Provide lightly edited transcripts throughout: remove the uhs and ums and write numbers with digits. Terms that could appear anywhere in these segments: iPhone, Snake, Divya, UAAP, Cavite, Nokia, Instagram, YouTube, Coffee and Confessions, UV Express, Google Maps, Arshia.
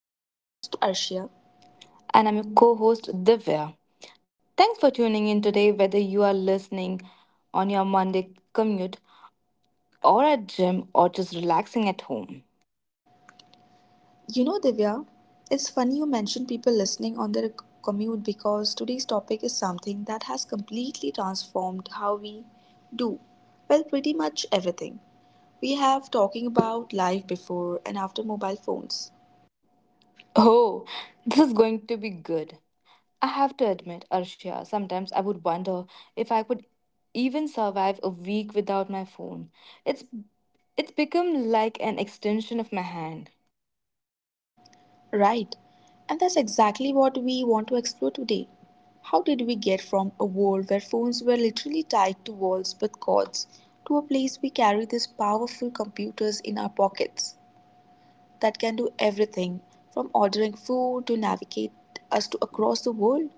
I'm your host, Arshia. And I'm your co host Divya. Thanks for tuning in today, whether you are listening on your Monday commute or at gym or just relaxing at home. You know, Divya, it's funny you mentioned people listening on their commute because today's topic is something that has completely transformed how we do, well, pretty much everything. We have talking about life before and after mobile phones. Oh, this is going to be good. I have to admit, Arshia, sometimes I would wonder if I could even survive a week without my phone. It's it's become like an extension of my hand. Right. And that's exactly what we want to explore today. How did we get from a world where phones were literally tied to walls with cords to a place we carry these powerful computers in our pockets that can do everything from ordering food to navigate us to across the world?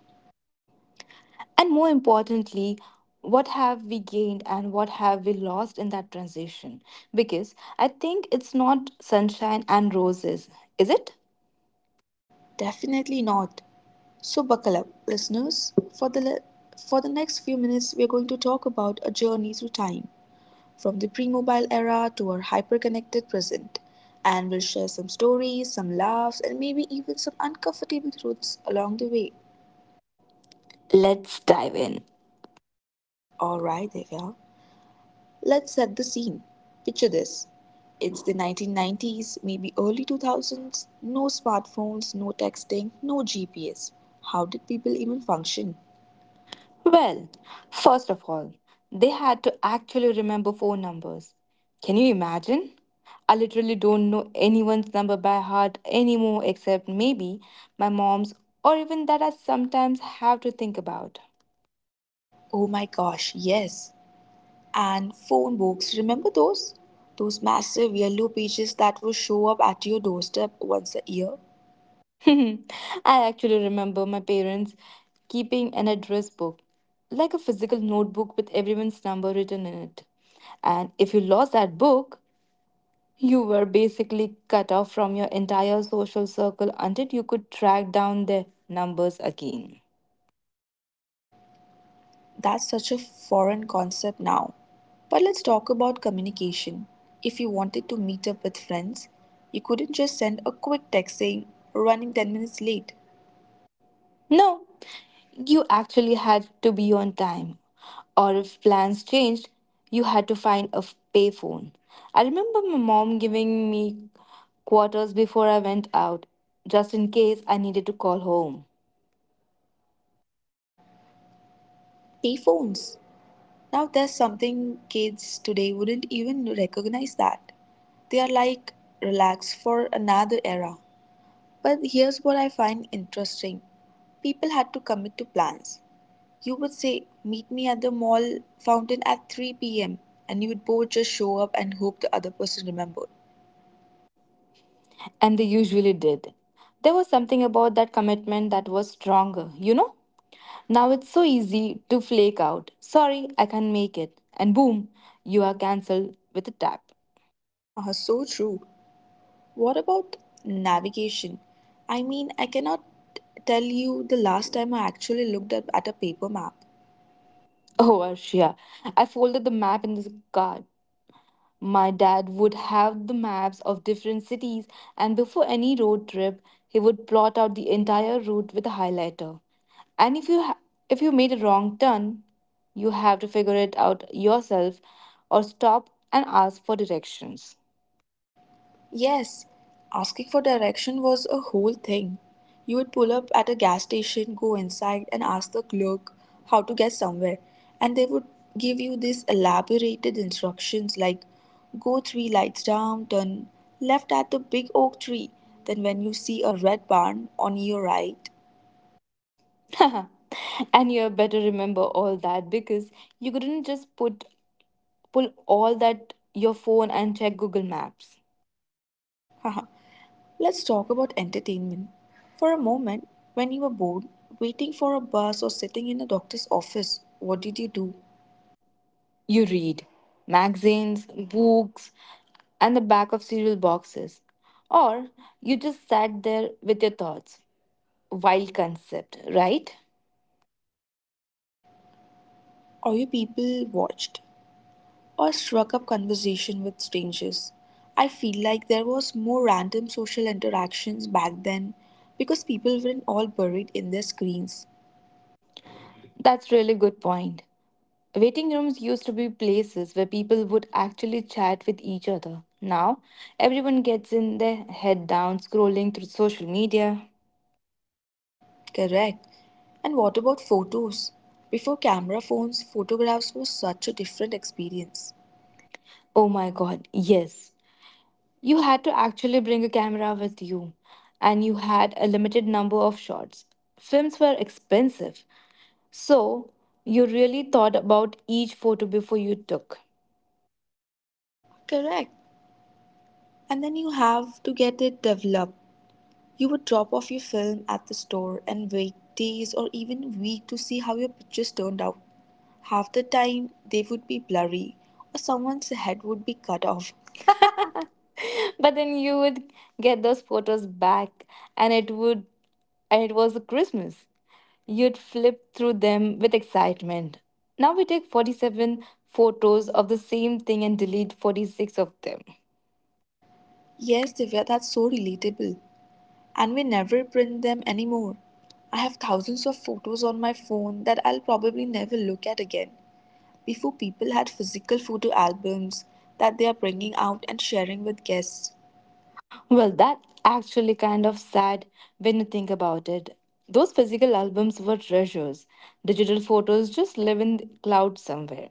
And more importantly, what have we gained and what have we lost in that transition? Because I think it's not sunshine and roses, is it? Definitely not. So buckle up, listeners. For the le- for the next few minutes, we are going to talk about a journey through time, from the pre-mobile era to our hyper-connected present, and we'll share some stories, some laughs, and maybe even some uncomfortable truths along the way. Let's dive in. Alright, Divya, let's set the scene. Picture this. It's the 1990s, maybe early 2000s. No smartphones, no texting, no GPS. How did people even function? Well, first of all, they had to actually remember phone numbers. Can you imagine? I literally don't know anyone's number by heart anymore except maybe my mom's, or even that I sometimes have to think about. Oh my gosh, yes. And phone books, remember those? Those massive yellow pages that would show up at your doorstep once a year? I actually remember my parents keeping an address book, like a physical notebook with everyone's number written in it. And if you lost that book, you were basically cut off from your entire social circle until you could track down their numbers again. That's such a foreign concept now. But let's talk about communication. If you wanted to meet up with friends, you couldn't just send a quick text saying, running 10 minutes late. No, you actually had to be on time. Or if plans changed, you had to find a payphone. I remember my mom giving me quarters before I went out, just in case I needed to call home. Payphones. Now, there's something kids today wouldn't even recognize that. They are like, relax for another era. But here's what I find interesting people had to commit to plans. You would say, meet me at the mall fountain at 3 p.m., and you would both just show up and hope the other person remembered. And they usually did. There was something about that commitment that was stronger, you know? Now it's so easy to flake out. Sorry, I can't make it. And boom, you are cancelled with a tap. Haha, so true. What about navigation? I mean, I cannot tell you the last time I actually looked up at a paper map. Oh, Arshia, I folded the map in the car. My dad would have the maps of different cities, and before any road trip, he would plot out the entire route with a highlighter. And if you made a wrong turn, you have to figure it out yourself or stop and ask for directions. Yes, asking for direction was a whole thing. You would pull up at a gas station, go inside, and ask the clerk how to get somewhere. And they would give you these elaborated instructions like go three lights down, turn left at the big oak tree. Then, when you see a red barn on your right, And you better remember all that because you couldn't just put pull all that your phone and check Google Maps. haha. Let's talk about entertainment. For a moment, when you were bored, waiting for a bus or sitting in a doctor's office, what did you do? You read magazines, books, and the back of cereal boxes. Or you just sat there with your thoughts. Wild concept, right? Or you people watched, or struck up conversation with strangers. I feel like there was more random social interactions back then because people weren't all buried in their screens. That's really good point. Waiting rooms used to be places where people would actually chat with each other. Now, everyone gets in their head down scrolling through social media. Correct. And what about photos? Before camera phones, photographs were such a different experience. Oh my god, yes. You had to actually bring a camera with you, and you had a limited number of shots. Films were expensive, so you really thought about each photo before you took. Correct. And then you have to get it developed. You would drop off your film at the store and wait days or even weeks to see how your pictures turned out. Half the time, they would be blurry or someone's head would be cut off. But then you would get those photos back and it would and it was Christmas. You'd flip through them with excitement. Now we take 47 photos of the same thing and delete 46 of them. Yes, Divya, that's so relatable. And we never print them anymore. I have thousands of photos on my phone that I'll probably never look at again. Before, people had physical photo albums that they are bringing out and sharing with guests. Well, that actually kind of sad when you think about it. Those physical albums were treasures. Digital photos just live in the cloud somewhere.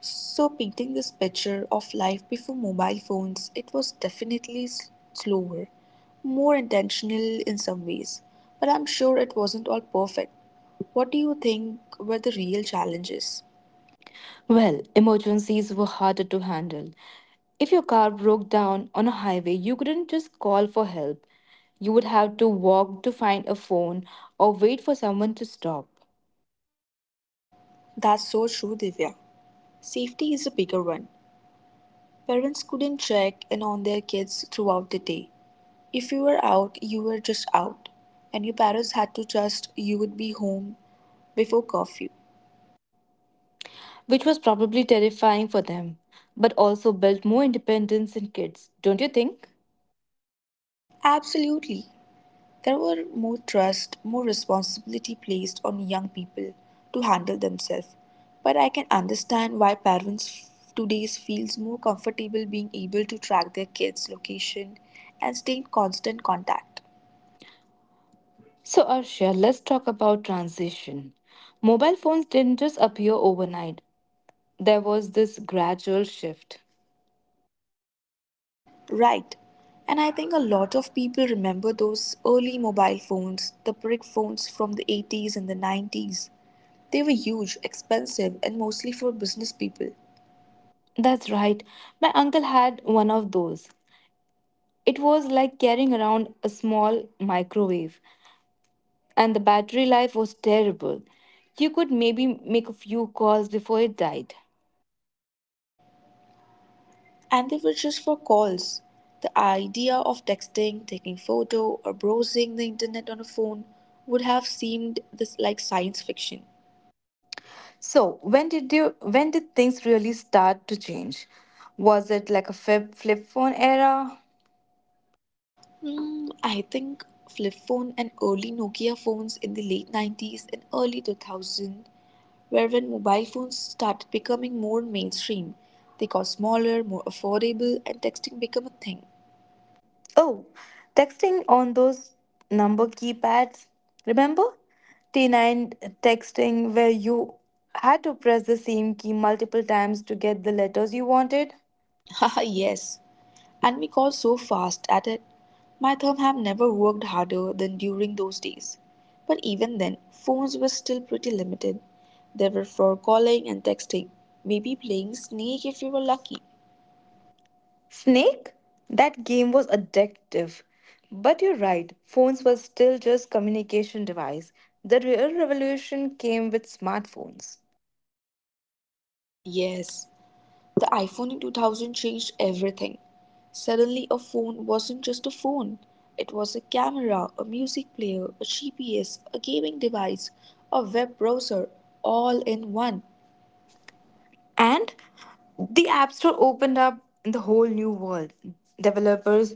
So painting this picture of life before mobile phones, it was definitely slower, more intentional in some ways, but I'm sure it wasn't all perfect. What do you think were the real challenges? Well, emergencies were harder to handle. If your car broke down on a highway, you couldn't just call for help. You would have to walk to find a phone or wait for someone to stop, That's so true, Divya. Safety is a bigger one. Parents couldn't check in on their kids throughout the day. If you were out, you were just out, and your parents had to trust you would be home before curfew. which was probably terrifying for them, but also built more independence in kids, don't you think? Absolutely. There were more trust, more responsibility placed on young people to handle themselves. But I can understand why parents today feels more comfortable being able to track their kids' location and stay in constant contact. So, Arshia, let's talk about transition. Mobile phones didn't just appear overnight, there was this gradual shift. Right. And I think a lot of people remember those early mobile phones, the brick phones from the 80s and the 90s. They were huge, expensive, and mostly for business people. That's right. My uncle had one of those. It was like carrying around a small microwave, and the battery life was terrible. You could maybe make a few calls before it died. And they were just for calls. The idea of texting, taking photo, or browsing the internet on a phone would have seemed this like science fiction. So, when did things really start to change? Was it like a flip phone era? Hmm, I think flip phone and early Nokia phones in the late 90s and early 2000 were when mobile phones started becoming more mainstream. They got smaller, more affordable, and texting became a thing. Oh, texting on those number keypads. Remember? T9 texting where you had to press the same key multiple times to get the letters you wanted? Haha, yes. And we got so fast at it. My thumb have never worked harder than during those days. But even then, phones were still pretty limited. They were for calling and texting, maybe playing Snake if you were lucky. Snake? That game was addictive. But you're right, phones were still just communication device. The real revolution came with smartphones. Yes, the iPhone in 2000 changed everything. Suddenly, a phone wasn't just a phone, it was a camera, a music player, a GPS, a gaming device, a web browser, all in one. And the App Store opened up the whole new world. Developers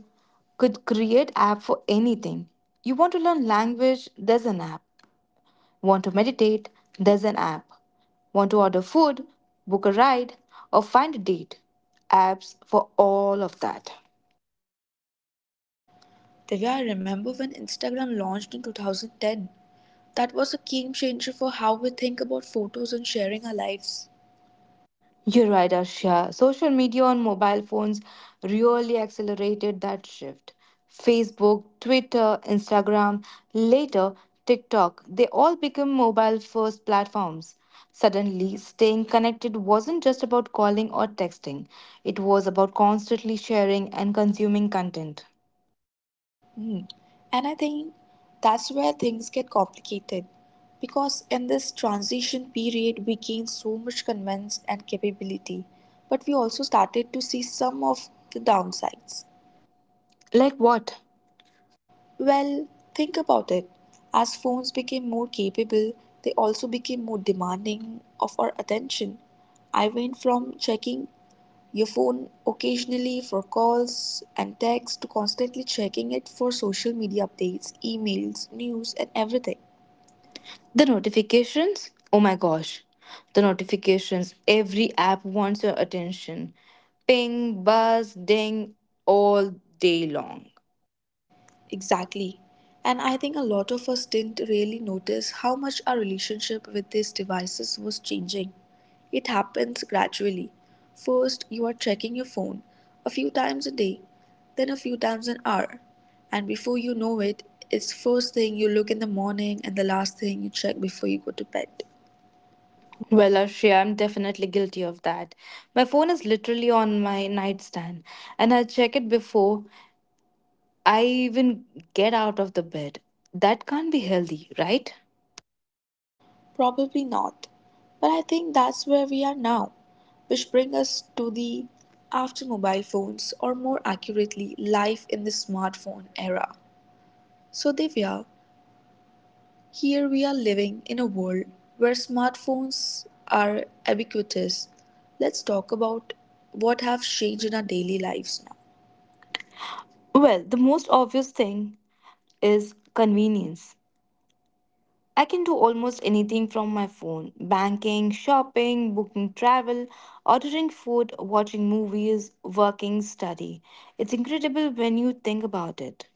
could create app for anything. You want to learn language, there's an app. Want to meditate, there's an app. Want to order food, book a ride, or find a date. Apps for all of that. Divya, I remember when Instagram launched in 2010. That was a game changer for how we think about photos and sharing our lives. You're right, Arshia. Social media on mobile phones really accelerated that shift. Facebook, Twitter, Instagram, later TikTok, they all became mobile first platforms. Suddenly, staying connected wasn't just about calling or texting, it was about constantly sharing and consuming content. Hmm. And I think that's where things get complicated because in this transition period, we gained so much convenience and capability, but we also started to see some of the downsides. Like what? Well, think about it. As phones became more capable, they also became more demanding of our attention. I went from checking your phone occasionally for calls and texts to constantly checking it for social media updates, emails, news, and everything. The notifications? Oh my gosh. The notifications. Every app wants your attention. Ping, buzz, ding, all day long. Exactly. And I think a lot of us didn't really notice how much our relationship with these devices was changing. It happens gradually. First, you are checking your phone a few times a day, then a few times an hour. And before you know it, it's first thing you look in the morning and the last thing you check before you go to bed. Well, Ashriya, I'm definitely guilty of that. My phone is literally on my nightstand, and I check it before I even get out of the bed. That can't be healthy, right? Probably not. But I think that's where we are now, which brings us to the after mobile phones, or more accurately, life in the smartphone era. So, Divya, here we are living in a world where smartphones are ubiquitous. Let's talk about what have changed in our daily lives now. Well, the most obvious thing is convenience. I can do almost anything from my phone banking, shopping, booking travel, ordering food, watching movies, working, study. It's incredible when you think about it.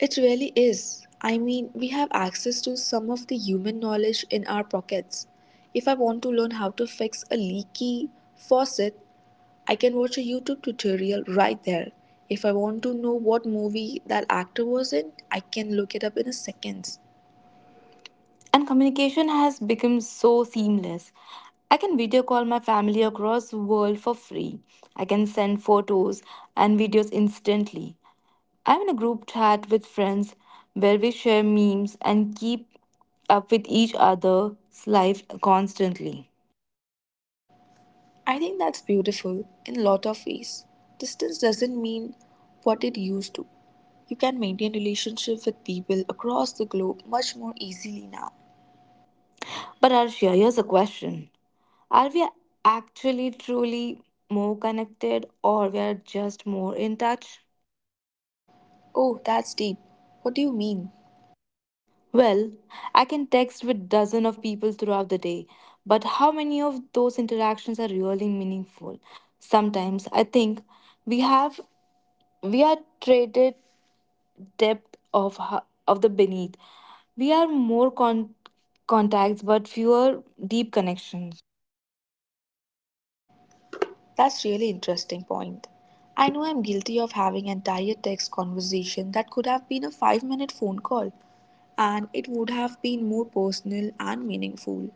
It really is. I mean, we have access to some of the human knowledge in our pockets. If I want to learn how to fix a leaky faucet, I can watch a YouTube tutorial right there. If I want to know what movie that actor was in, I can look it up in a seconds. And communication has become so seamless. I can video call my family across the world for free. I can send photos and videos instantly. I'm in a group chat with friends where we share memes and keep up with each other's life constantly. I think that's beautiful in a lot of ways. Distance doesn't mean what it used to. You can maintain relationships with people across the globe much more easily now. But Arshia, here's a question. Are we actually truly more connected or we are just more in touch? Oh, that's deep. What do you mean? Well, I can text with dozens of people throughout the day, but how many of those interactions are really meaningful? Sometimes I think we have we are traded depth of of the beneath. We are more contacts but fewer deep connections. That's really interesting point. I know I'm guilty of having entire text conversation that could have been a 5-minute minute phone call and it would have been more personal and meaningful.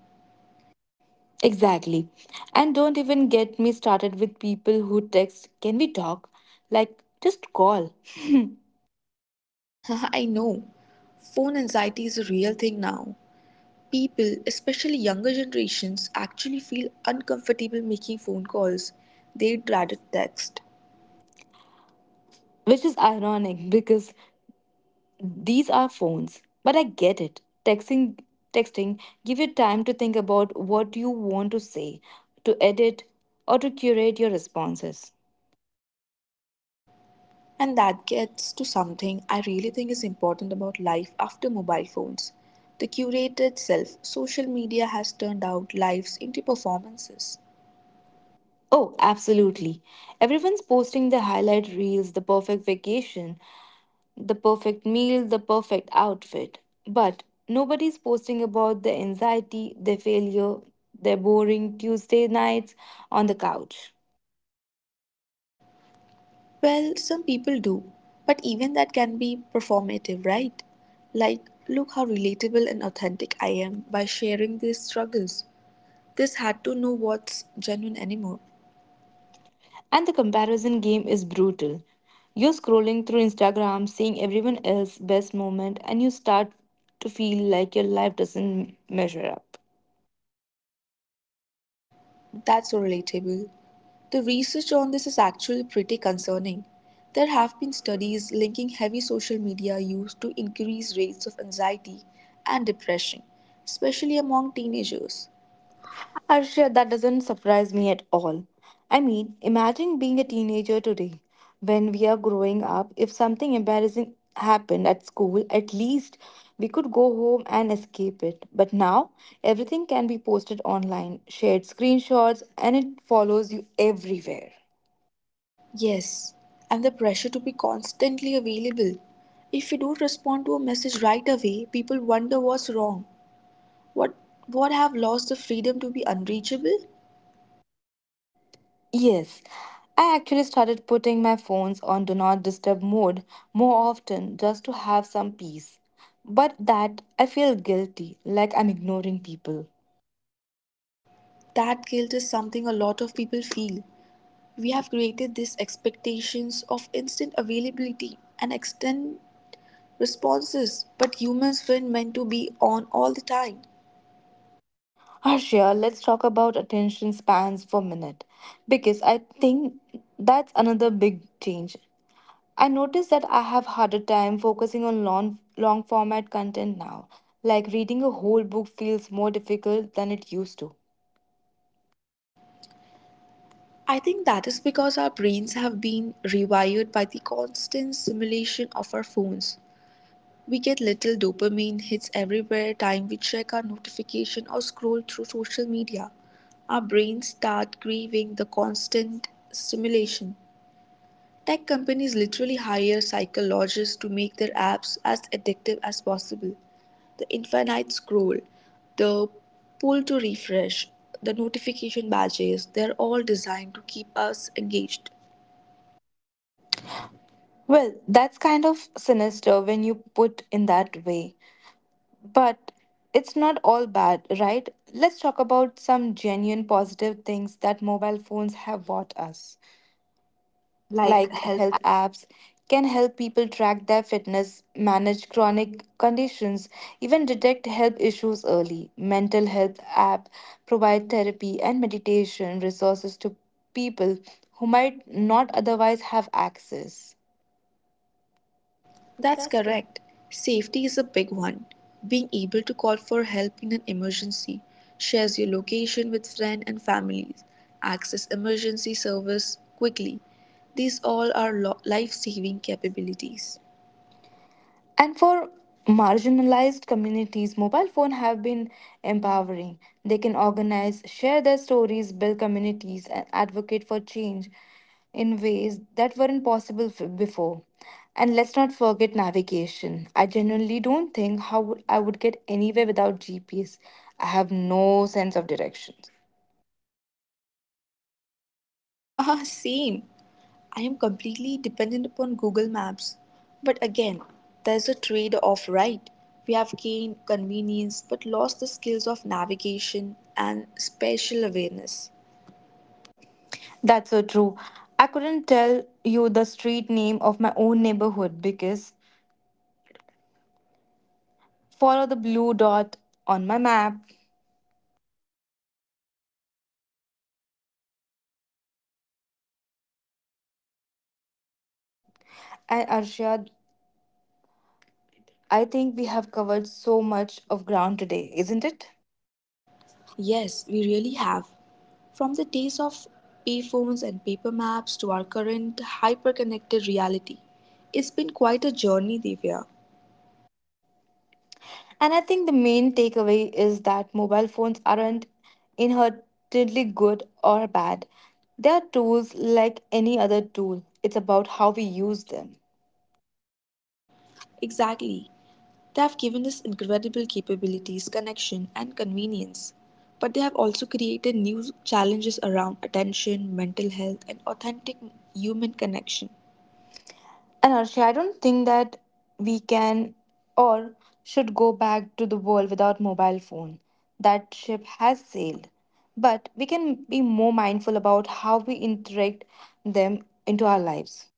Exactly. And don't even get me started with people who text, can we talk? Like, just call. I know. Phone anxiety is a real thing now. People, especially younger generations, actually feel uncomfortable making phone calls. They dreaded text. Which is ironic because these are phones. But I get it. Texting give you time to think about what you want to say, to edit or to curate your responses. And that gets to something I really think is important about life after mobile phones the curated self. Social media has turned out lives into performances. Oh, absolutely. Everyone's posting the highlight reels, the perfect vacation, the perfect meal, the perfect outfit. But nobody's posting about their anxiety, their failure, their boring Tuesday nights on the couch. Well, some people do, but even that can be performative, right? Like, look how relatable and authentic I am by sharing these struggles. This had to know what's genuine anymore. And the comparison game is brutal. You're scrolling through Instagram, seeing everyone else's best moment, and you start to feel like your life doesn't measure up. That's so relatable. The research on this is actually pretty concerning. There have been studies linking heavy social media use to increased rates of anxiety and depression, especially among teenagers. Arshia, that doesn't surprise me at all. I mean, imagine being a teenager today. When we are growing up, if something embarrassing happened at school, at least we could go home and escape it. But now, everything can be posted online, shared screenshots, and it follows you everywhere. Yes, and the pressure to be constantly available. If you don't respond to a message right away, people wonder what's wrong. What what have lost the freedom to be unreachable? Yes, I actually started putting my phones on do not disturb mode more often just to have some peace. But that I feel guilty, like I'm ignoring people. That guilt is something a lot of people feel. We have created these expectations of instant availability and extend responses, but humans weren't meant to be on all the time. Arshia, let's talk about attention spans for a minute because I think that's another big change. I notice that I have harder time focusing on long format content now. Like reading a whole book feels more difficult than it used to. I think that is because our brains have been rewired by the constant stimulation of our phones. We get little dopamine hits everywhere time we check our notification or scroll through social media. Our brains start craving the constant stimulation. Tech companies literally hire psychologists to make their apps as addictive as possible. The infinite scroll, the pull to refresh, the notification badges, they're all designed to keep us engaged. Well, that's kind of sinister when you put in that way. But it's not all bad, right? Let's talk about some genuine positive things that mobile phones have bought us. Like Like health. health apps can help people track their fitness, manage chronic conditions, even detect health issues early. Mental health app provide therapy and meditation resources to people who might not otherwise have access. That's That's. correct. Safety is a big one. Being able to call for help in an emergency, shares your location with friends and families, access emergency service quickly. These all are life saving capabilities. And for marginalized communities, mobile phones have been empowering. They can organize, share their stories, build communities, and advocate for change in ways that weren't possible before. And let's not forget navigation. I genuinely don't think I would get anywhere without GPS. I have no sense of directions. Haha, same. I am completely dependent upon Google Maps. But again, there's a trade off, right? We have gained convenience but lost the skills of navigation and spatial awareness. That's so true. I couldn't tell you the street name of my own neighborhood because follow the blue dot on my map. And Arshad, I think we have covered so much of ground today, isn't it? Yes, we really have. From the days of payphones and paper maps to our current hyper connected reality, it's been quite a journey, Divya. And I think the main takeaway is that mobile phones aren't inherently good or bad. They are tools like any other tool. It's about how we use them. Exactly. They have given us incredible capabilities, connection, and convenience, but they have also created new challenges around attention, mental health, and authentic human connection. And Arshad, I don't think that we can or should go back to the world without mobile phone. That ship has sailed. But we can be more mindful about how we interact them into our lives.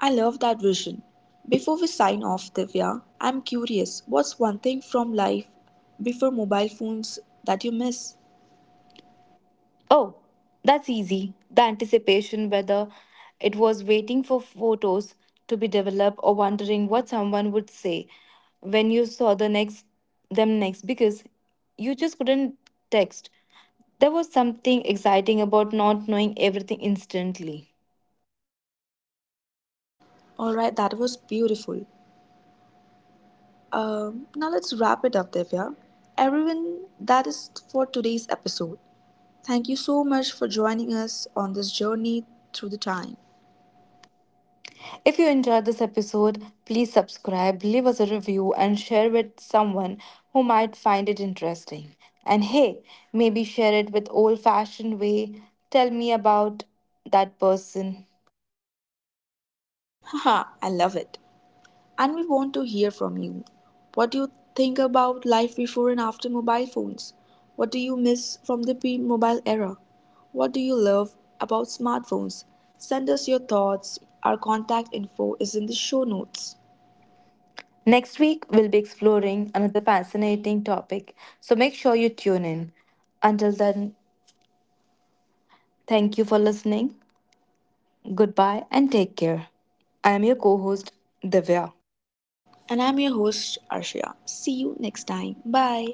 I love that vision. Before we sign off, Divya, I'm curious what's one thing from life before mobile phones that you miss? Oh, that's easy. The anticipation, whether it was waiting for photos to be developed or wondering what someone would say when you saw them next because you just couldn't text. There was something exciting about not knowing everything instantly. Alright, that was beautiful. Now let's wrap it up, Divya. Everyone, that is for today's episode. Thank you so much for joining us on this journey through the time. If you enjoyed this episode, please subscribe, leave us a review, and share with someone who might find it interesting. And hey, maybe share it with old fashioned way. Tell me about that person. Haha, I love it. And we want to hear from you. What do you think about life before and after mobile phones? What do you miss from the pre mobile era? What do you love about smartphones? Send us your thoughts. Our contact info is in the show notes. Next week, we'll be exploring another fascinating topic, so make sure you tune in. Until then, thank you for listening. Goodbye and take care. I am your co host, Divya. And I'm your host, Arshia. See you next time. Bye.